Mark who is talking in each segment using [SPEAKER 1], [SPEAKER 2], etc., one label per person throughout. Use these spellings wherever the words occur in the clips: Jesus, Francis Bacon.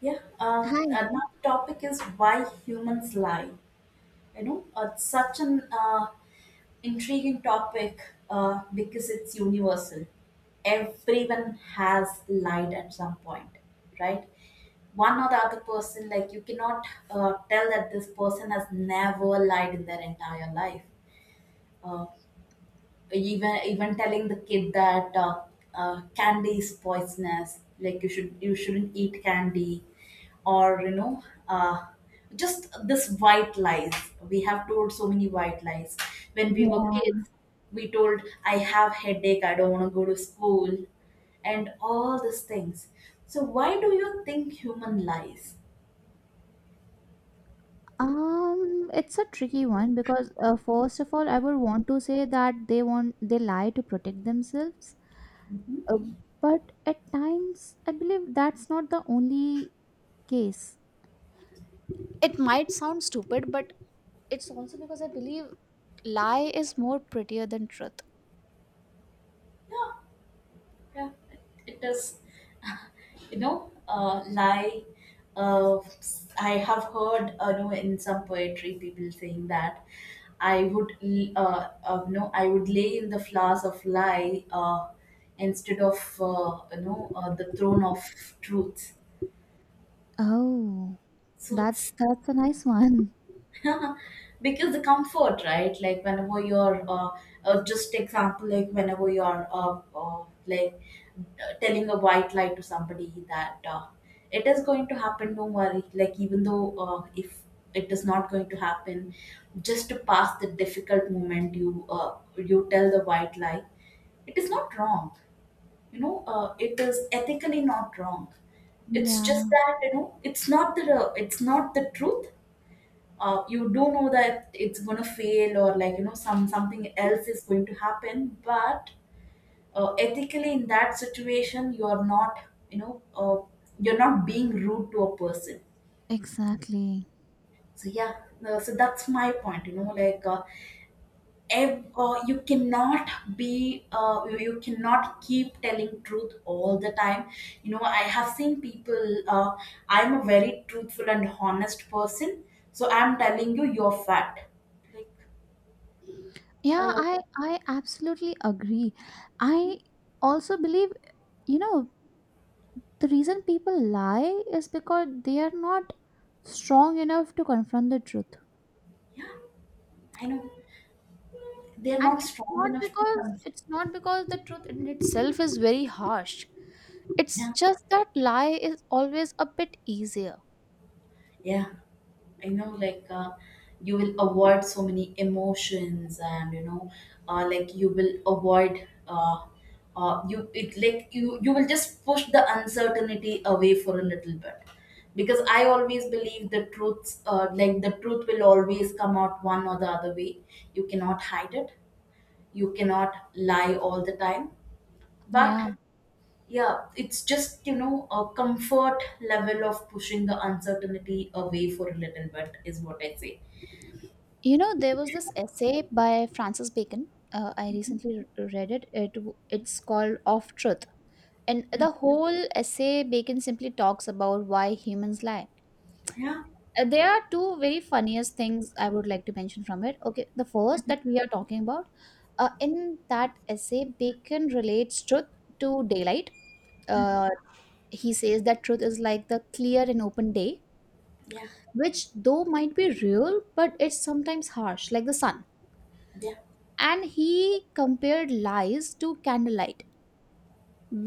[SPEAKER 1] Yeah,
[SPEAKER 2] Hi.
[SPEAKER 1] another topic is why humans lie. It's such an intriguing topic, because it's universal. Everyone has lied at some point, right? One or the other person, like you cannot tell that this person has never lied in their entire life. Uh, even telling the kid that candy is poisonous, like you shouldn't eat candy, or just this white lies. We have told so many white lies when we were
[SPEAKER 2] Yeah.
[SPEAKER 1] kids. We told, I have headache, I don't want to go to school, and all these things. So why do you think human lies?
[SPEAKER 2] It's a tricky one because first of all, I would want to say that they lie to protect themselves.
[SPEAKER 1] Mhm.
[SPEAKER 2] Uh, but at times, I believe that's not the only case. It might sound stupid, but it's also because I believe lie is more prettier than truth.
[SPEAKER 1] Yeah, yeah, it is, lie. Uh, I have heard, in some poetry, people saying that, no, I would lay in the flowers of lie, instead of, the throne of truth.
[SPEAKER 2] Oh,
[SPEAKER 1] So,
[SPEAKER 2] that's a nice one.
[SPEAKER 1] because the comfort, right? Like whenever you're just example, like whenever you're like, telling a white lie to somebody that, it is going to happen, don't worry, like even though, if it is not going to happen, just to pass the difficult moment, you tell the white lie, it is not wrong. You know uh, it is ethically not wrong, it's just
[SPEAKER 2] Yeah,
[SPEAKER 1] that, you know, it's not the truth. You do know that it's going to fail, or like, you know, something else is going to happen, but ethically, in that situation, you are not, you know uh, you're not being rude to a person.
[SPEAKER 2] exactly.
[SPEAKER 1] So yeah, so that's my point, you know, like, ev- uh, you cannot you cannot keep telling truth all the time. You know, I have seen people, I'm a very truthful and honest person, so I'm telling you, you're fat, like.
[SPEAKER 2] Yeah,
[SPEAKER 1] uh,
[SPEAKER 2] I absolutely agree. I also believe, you know, the reason people lie is because they are not strong enough to confront the truth,
[SPEAKER 1] Yeah, I know, they're
[SPEAKER 2] and
[SPEAKER 1] not
[SPEAKER 2] it's
[SPEAKER 1] strong
[SPEAKER 2] not
[SPEAKER 1] enough to
[SPEAKER 2] because
[SPEAKER 1] come.
[SPEAKER 2] the truth in itself is very harsh, it's
[SPEAKER 1] Yeah,
[SPEAKER 2] just that lie is always a bit easier.
[SPEAKER 1] yeah, I know. Like, you will avoid so many emotions, and you know, like you will avoid. You it like you will just push the uncertainty away for a little bit, because I always believe the truths, like the truth will always come out one or the other way. You cannot hide it, you cannot lie all the time, but.
[SPEAKER 2] Yeah.
[SPEAKER 1] Yeah, it's just, you know, a comfort level of pushing the uncertainty away for a little bit, is what I say.
[SPEAKER 2] You know, there was this essay by Francis Bacon. I recently read it. It's called off truth. And the
[SPEAKER 1] Mm.
[SPEAKER 2] whole essay, Bacon simply talks about why humans lie.
[SPEAKER 1] Yeah,
[SPEAKER 2] There are two very funniest things I would like to mention from it. Okay, the first that we are talking about, in that essay, Bacon relates truth to daylight. Uh, he says that truth is like the clear and open day,
[SPEAKER 1] yeah,
[SPEAKER 2] which though might be real, but it's sometimes harsh, like the sun.
[SPEAKER 1] yeah,
[SPEAKER 2] And he compared lies to candlelight,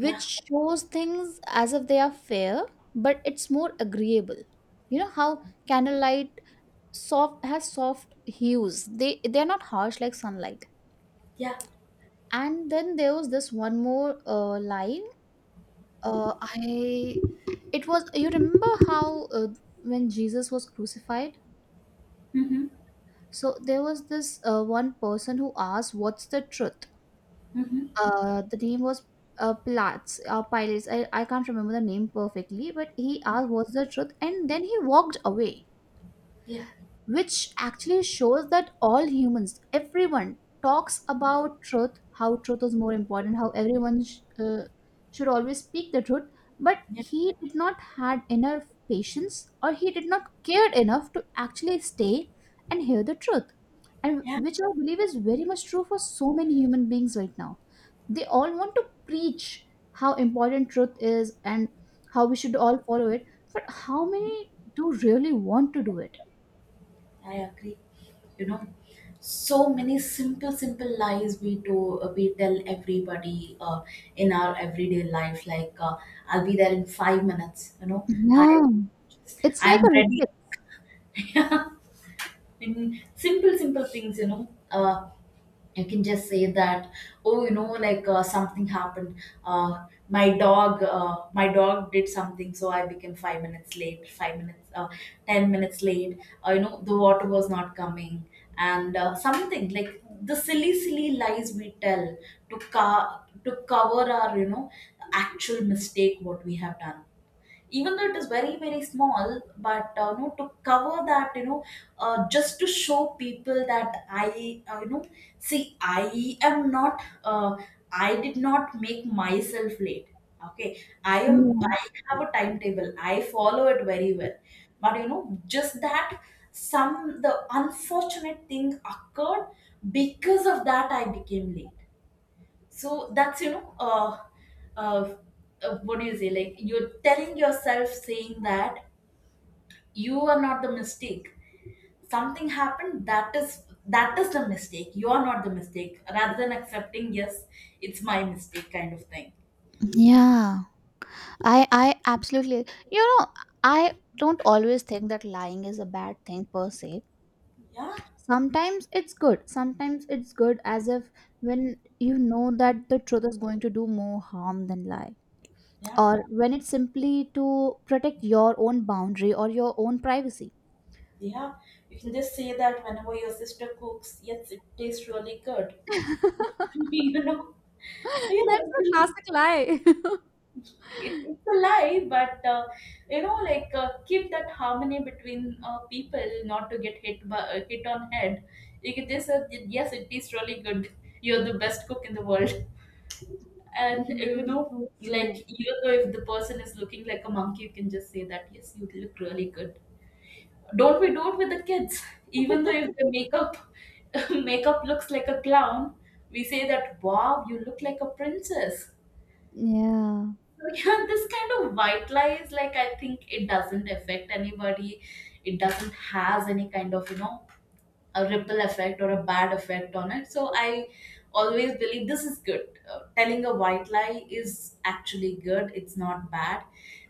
[SPEAKER 1] yeah,
[SPEAKER 2] shows things as if they are fair, but it's more agreeable. You know how candlelight soft has soft hues. They're not harsh like sunlight.
[SPEAKER 1] yeah.
[SPEAKER 2] And then there was this one more line.
[SPEAKER 1] Mm.
[SPEAKER 2] I it was, you remember how when Jesus was crucified.
[SPEAKER 1] Mm-hmm,
[SPEAKER 2] So there was this one person who asked, "What's the truth?"
[SPEAKER 1] mm-hmm.
[SPEAKER 2] Uh, the name was Platts Pilates. I can't remember the name perfectly, but he asked what's the truth and then he walked away,
[SPEAKER 1] Yeah,
[SPEAKER 2] which actually shows that all humans, everyone talks about truth, how truth is more important, how everyone should always speak the truth. But
[SPEAKER 1] yeah,
[SPEAKER 2] he did not had enough patience, or he did not cared enough to actually stay and hear the truth, and
[SPEAKER 1] yeah,
[SPEAKER 2] which I believe is very much true for so many human beings right now. They all want to preach how important truth is and how we should all follow it, but how many do really want to do it?
[SPEAKER 1] I agree. You know, so many simple, simple lies we do, we tell everybody, in our everyday life, like, I'll be there in 5 minutes, you know,
[SPEAKER 2] Yeah,
[SPEAKER 1] I,
[SPEAKER 2] it's like
[SPEAKER 1] I'm
[SPEAKER 2] a
[SPEAKER 1] ready.
[SPEAKER 2] reflex.
[SPEAKER 1] In simple simple things, you know, you can just say that, oh, you know, like, something happened. My dog did something, so I became 5 minutes late, 5 minutes, 10 minutes late. You know, the water was not coming, and something like the silly silly lies we tell, to co- to cover our, actual mistake what we have done, even though it is very very small, but, you know, to cover that, just to show people that, I you know see, I am not, I did not make myself late. Okay, i am
[SPEAKER 2] Yeah.
[SPEAKER 1] i have a timetable, I follow it very well, but you know, just that some the unfortunate thing occurred, because of that I became late. So that's, you know, uh, what do you say, like you're telling yourself, saying that you are not the mistake. Something happened, that is the mistake, you are not the mistake, rather than accepting, yes, it's my mistake, kind of thing.
[SPEAKER 2] Yeah, I absolutely. You know, I don't always think that lying is a bad thing per se.
[SPEAKER 1] Yeah,
[SPEAKER 2] Sometimes it's good. Sometimes it's good, as if when you know that the truth is going to do more harm than lie,
[SPEAKER 1] yeah,
[SPEAKER 2] or when it's simply to protect your own boundary or your own privacy.
[SPEAKER 1] yeah, you can just say that whenever your sister cooks, yes, it tastes really good. You know.
[SPEAKER 2] That's a
[SPEAKER 1] Yeah.
[SPEAKER 2] classic lie.
[SPEAKER 1] It's a lie, but, you know, like, keep that harmony between, people, not to get hit on head. You get this, yes, it is really good. You're the best cook in the world, and, you
[SPEAKER 2] That is
[SPEAKER 1] know,
[SPEAKER 2] so
[SPEAKER 1] like,
[SPEAKER 2] true. True.
[SPEAKER 1] even though if the person is looking like a monkey, you can just say that, yes, you look really good. Don't we do it with the kids? Even though if the makeup makeup looks like a clown, we say that, wow, you look like a princess.
[SPEAKER 2] Yeah.
[SPEAKER 1] So yeah, this kind of white lies, like I think it doesn't affect anybody. It doesn't has any kind of, a ripple effect, or a bad effect on it. So I always believe this is good. Telling a white lie is actually good, it's not bad.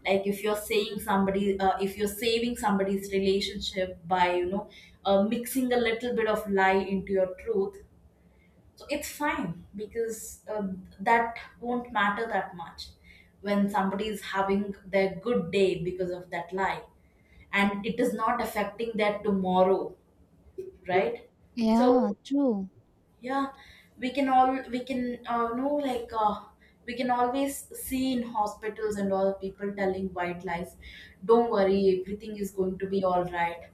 [SPEAKER 1] Like if you're saying somebody, if you're saving somebody's relationship by, mixing a little bit of lie into your truth, so it's fine, because, that won't matter that much when somebody is having their good day because of that lie, and it is not affecting their tomorrow, right?
[SPEAKER 2] Yeah,
[SPEAKER 1] So
[SPEAKER 2] true.
[SPEAKER 1] yeah, we can know, like, we can always see in hospitals and all, people telling white lies, don't worry, everything is going to be all right,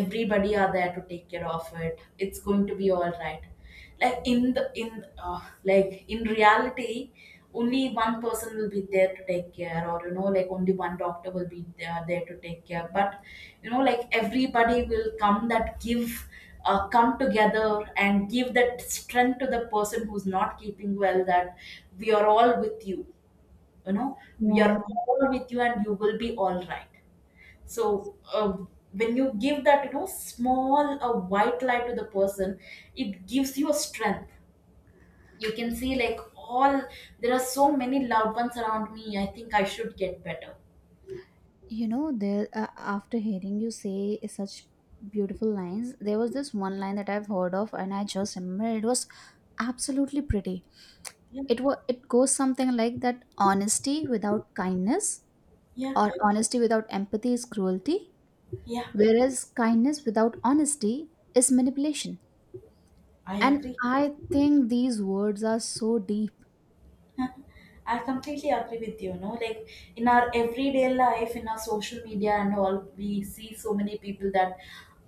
[SPEAKER 1] everybody are there to take care of it, it's going to be all right, like in the in like in reality, only one person will be there to take care, or you know, like only one doctor will be there to take care, but you know, like, everybody will come that give, come together and give that strength to the person who's not keeping well, that we are all with you, you know, we
[SPEAKER 2] Yeah.
[SPEAKER 1] are all with you, and you will be all right. So, when you give that, you know, small a white light to the person, it gives you a strength, you can see, like all, there are so many loved ones around me, I think I should get better.
[SPEAKER 2] You know, there after hearing you say such beautiful lines, there was this one line that I've heard of, and I just remember it was absolutely pretty.
[SPEAKER 1] Yeah,
[SPEAKER 2] It was, it goes something like that: honesty without kindness,
[SPEAKER 1] yeah,
[SPEAKER 2] or honesty without empathy is cruelty,
[SPEAKER 1] yeah,
[SPEAKER 2] whereas kindness without honesty is manipulation.
[SPEAKER 1] I
[SPEAKER 2] And
[SPEAKER 1] agree.
[SPEAKER 2] I think these words are so deep.
[SPEAKER 1] I completely agree with you. No, like, in our everyday life, in our social media and all, we see so many people that,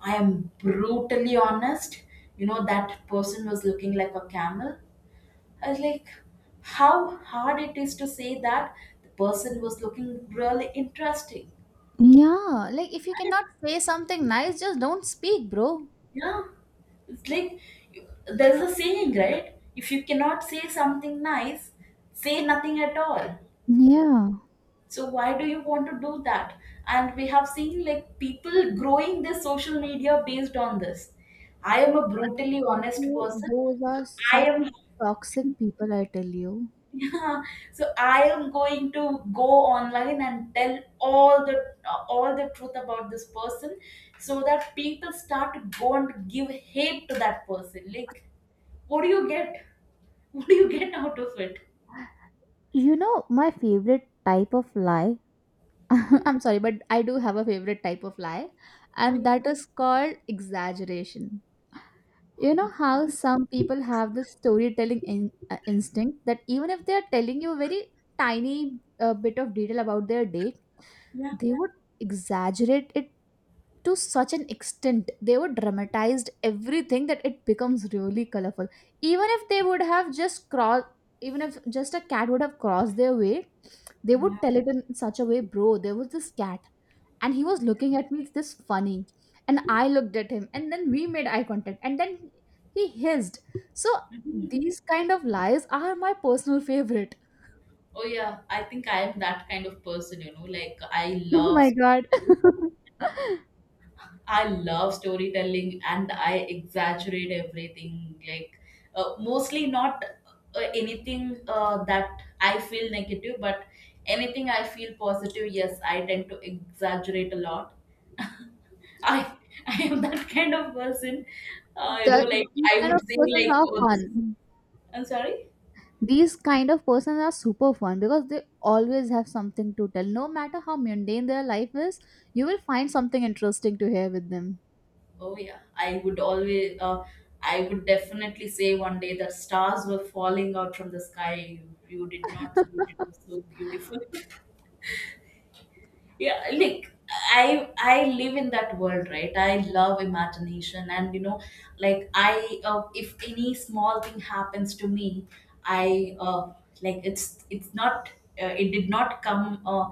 [SPEAKER 1] I am brutally honest. You know, that person was looking like a camel. I was like, how hard it is to say that the person was looking really interesting.
[SPEAKER 2] Yeah, like if you cannot say something nice, just don't speak, bro.
[SPEAKER 1] Yeah, it's like, there's a saying, right? If you cannot say something nice, say nothing at all.
[SPEAKER 2] Yeah.
[SPEAKER 1] So why do you want to do that? And we have seen, like, people growing their social media based on this, I am a brutally honest person.
[SPEAKER 2] Those
[SPEAKER 1] So
[SPEAKER 2] are
[SPEAKER 1] I
[SPEAKER 2] such
[SPEAKER 1] am,
[SPEAKER 2] toxic people, I tell you.
[SPEAKER 1] yeah, so I am going to go online and tell all the, truth about this person, so that people start to go and give hate to that person, like, what do you get? What do you get out of it?
[SPEAKER 2] You know, my favorite type of lie?
[SPEAKER 1] Hmm.
[SPEAKER 2] I'm sorry, but I do have a favorite type of lie,
[SPEAKER 1] Oh,
[SPEAKER 2] and
[SPEAKER 1] yeah.
[SPEAKER 2] that is called exaggeration. You know how some people have this storytelling instinct that even if they are telling you a very tiny bit of detail about their date,
[SPEAKER 1] Yeah,
[SPEAKER 2] they would exaggerate it to such an extent, they were dramatized everything that it becomes really colorful. Even if they would have just crossed, even if just a cat would have crossed their way, they would
[SPEAKER 1] yeah.
[SPEAKER 2] tell it in such a way: bro, there was this cat and he was looking at me this funny, and I looked at him and then we made eye contact and then he hissed. So
[SPEAKER 1] Mhm.
[SPEAKER 2] these kind of lies are my personal favorite.
[SPEAKER 1] Oh yeah, I think I am that kind of person, you know, like, I
[SPEAKER 2] Oh
[SPEAKER 1] love
[SPEAKER 2] my god.
[SPEAKER 1] I love storytelling, and I exaggerate everything, like, mostly not, anything, that I feel negative, but anything I feel positive, yes, I tend to exaggerate a lot. I I am that kind of person. You know,
[SPEAKER 2] the,
[SPEAKER 1] like,
[SPEAKER 2] these
[SPEAKER 1] I
[SPEAKER 2] kind
[SPEAKER 1] would
[SPEAKER 2] of
[SPEAKER 1] say
[SPEAKER 2] persons
[SPEAKER 1] like,
[SPEAKER 2] are
[SPEAKER 1] oh, this,
[SPEAKER 2] fun.
[SPEAKER 1] I'm sorry.
[SPEAKER 2] These kind of persons are super fun because they always have something to tell no matter how mundane their life is. You will find something interesting to hear with them.
[SPEAKER 1] Oh yeah, I would definitely say, one day the stars were falling out from the sky. You did not see it, it was so beautiful. Yeah, like, I live in that world, right? I love imagination, and you know, like, if any small thing happens to me, I, uh, it's not, uh, it did not come, uh,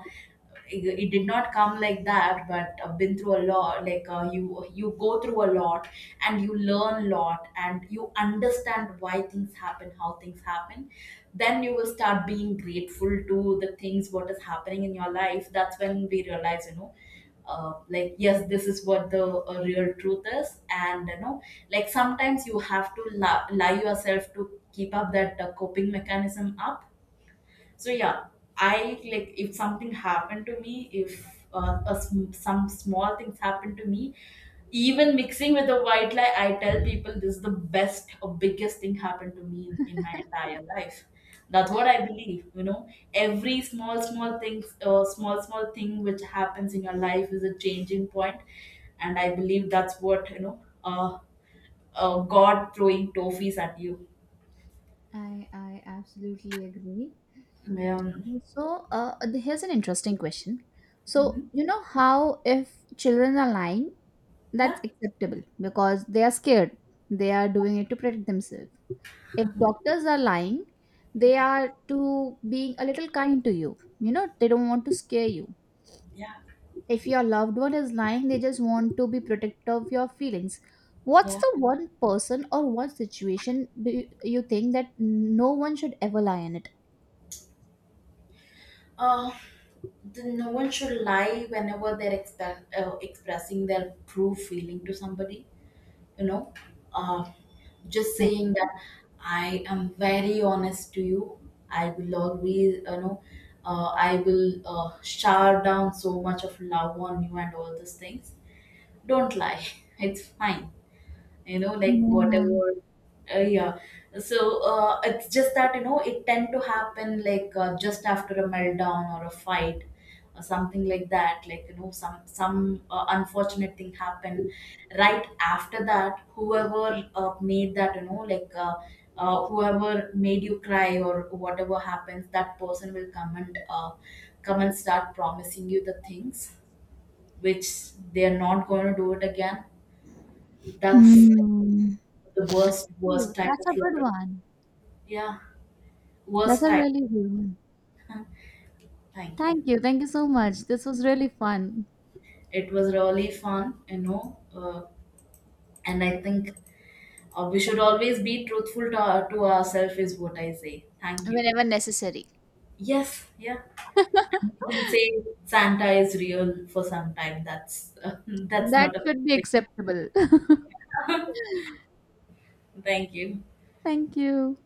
[SPEAKER 1] it did not come like that, but, been through a lot, like, you go through a lot, and you learn a lot, and you understand why things happen, how things happen, then you will start being grateful to the things what is happening in your life, that's when we realize, you know, like, yes, this is what the, real truth is, and you know, like, sometimes you have to lie yourself to keep up that, coping mechanism up. So yeah, I, like, if something happened to me, if some small things happen to me, even mixing with a white lie, I tell people, this is the best or biggest thing happened to me in my entire life. That's what I believe. You know, every small small thing which happens in your life is a changing point, and I believe that's what, you know. God throwing toffees at you.
[SPEAKER 2] I absolutely agree.
[SPEAKER 1] Um,
[SPEAKER 2] So here's an interesting question. So
[SPEAKER 1] mhm.
[SPEAKER 2] you know how if children are lying,
[SPEAKER 1] Yeah,
[SPEAKER 2] that's acceptable because they are scared, they are doing it to protect themselves. If doctors are lying, they
[SPEAKER 1] yeah,
[SPEAKER 2] are to being a little kind to you, you know they don't want to scare you.
[SPEAKER 1] yeah,
[SPEAKER 2] If your loved one is lying, they just want to be protective of your feelings. What's
[SPEAKER 1] yeah.
[SPEAKER 2] the one person or one situation do you, think that no one should ever lie in it?
[SPEAKER 1] Uh, no one should lie whenever they're expressing their true feeling to somebody. You know, uh, just saying that, I am very honest to you. I will always, you know, I will shower down so much of love on you and all these things. Don't lie. It's fine, you know, like,
[SPEAKER 2] Yeah.
[SPEAKER 1] whatever, yeah. So, it's just that, you know, it tend to happen, like, just after a meltdown or a fight or something like that. Like, you know, some unfortunate thing happen, right after that, whoever, made that, you know, like, whoever made you cry, or whatever happens, that person will come and, start promising you the things which they are not going to do it again. That's
[SPEAKER 2] Hmm.
[SPEAKER 1] the worst
[SPEAKER 2] Ooh,
[SPEAKER 1] worst type
[SPEAKER 2] that's
[SPEAKER 1] of
[SPEAKER 2] a good
[SPEAKER 1] level.
[SPEAKER 2] one.
[SPEAKER 1] Yeah,
[SPEAKER 2] That's
[SPEAKER 1] worst
[SPEAKER 2] a
[SPEAKER 1] type.
[SPEAKER 2] really good one.
[SPEAKER 1] Thank you.
[SPEAKER 2] Thank you. Thank you so much. This was really fun.
[SPEAKER 1] It was really fun, you know. And I think, we should always be truthful to, to ourselves, is what I say. Thank you.
[SPEAKER 2] Whenever necessary.
[SPEAKER 1] Yes, yeah. And we can say Santa is real for some time. That's that's
[SPEAKER 2] That
[SPEAKER 1] not a
[SPEAKER 2] should be
[SPEAKER 1] bad
[SPEAKER 2] acceptable.
[SPEAKER 1] thing. Thank you.
[SPEAKER 2] Thank you.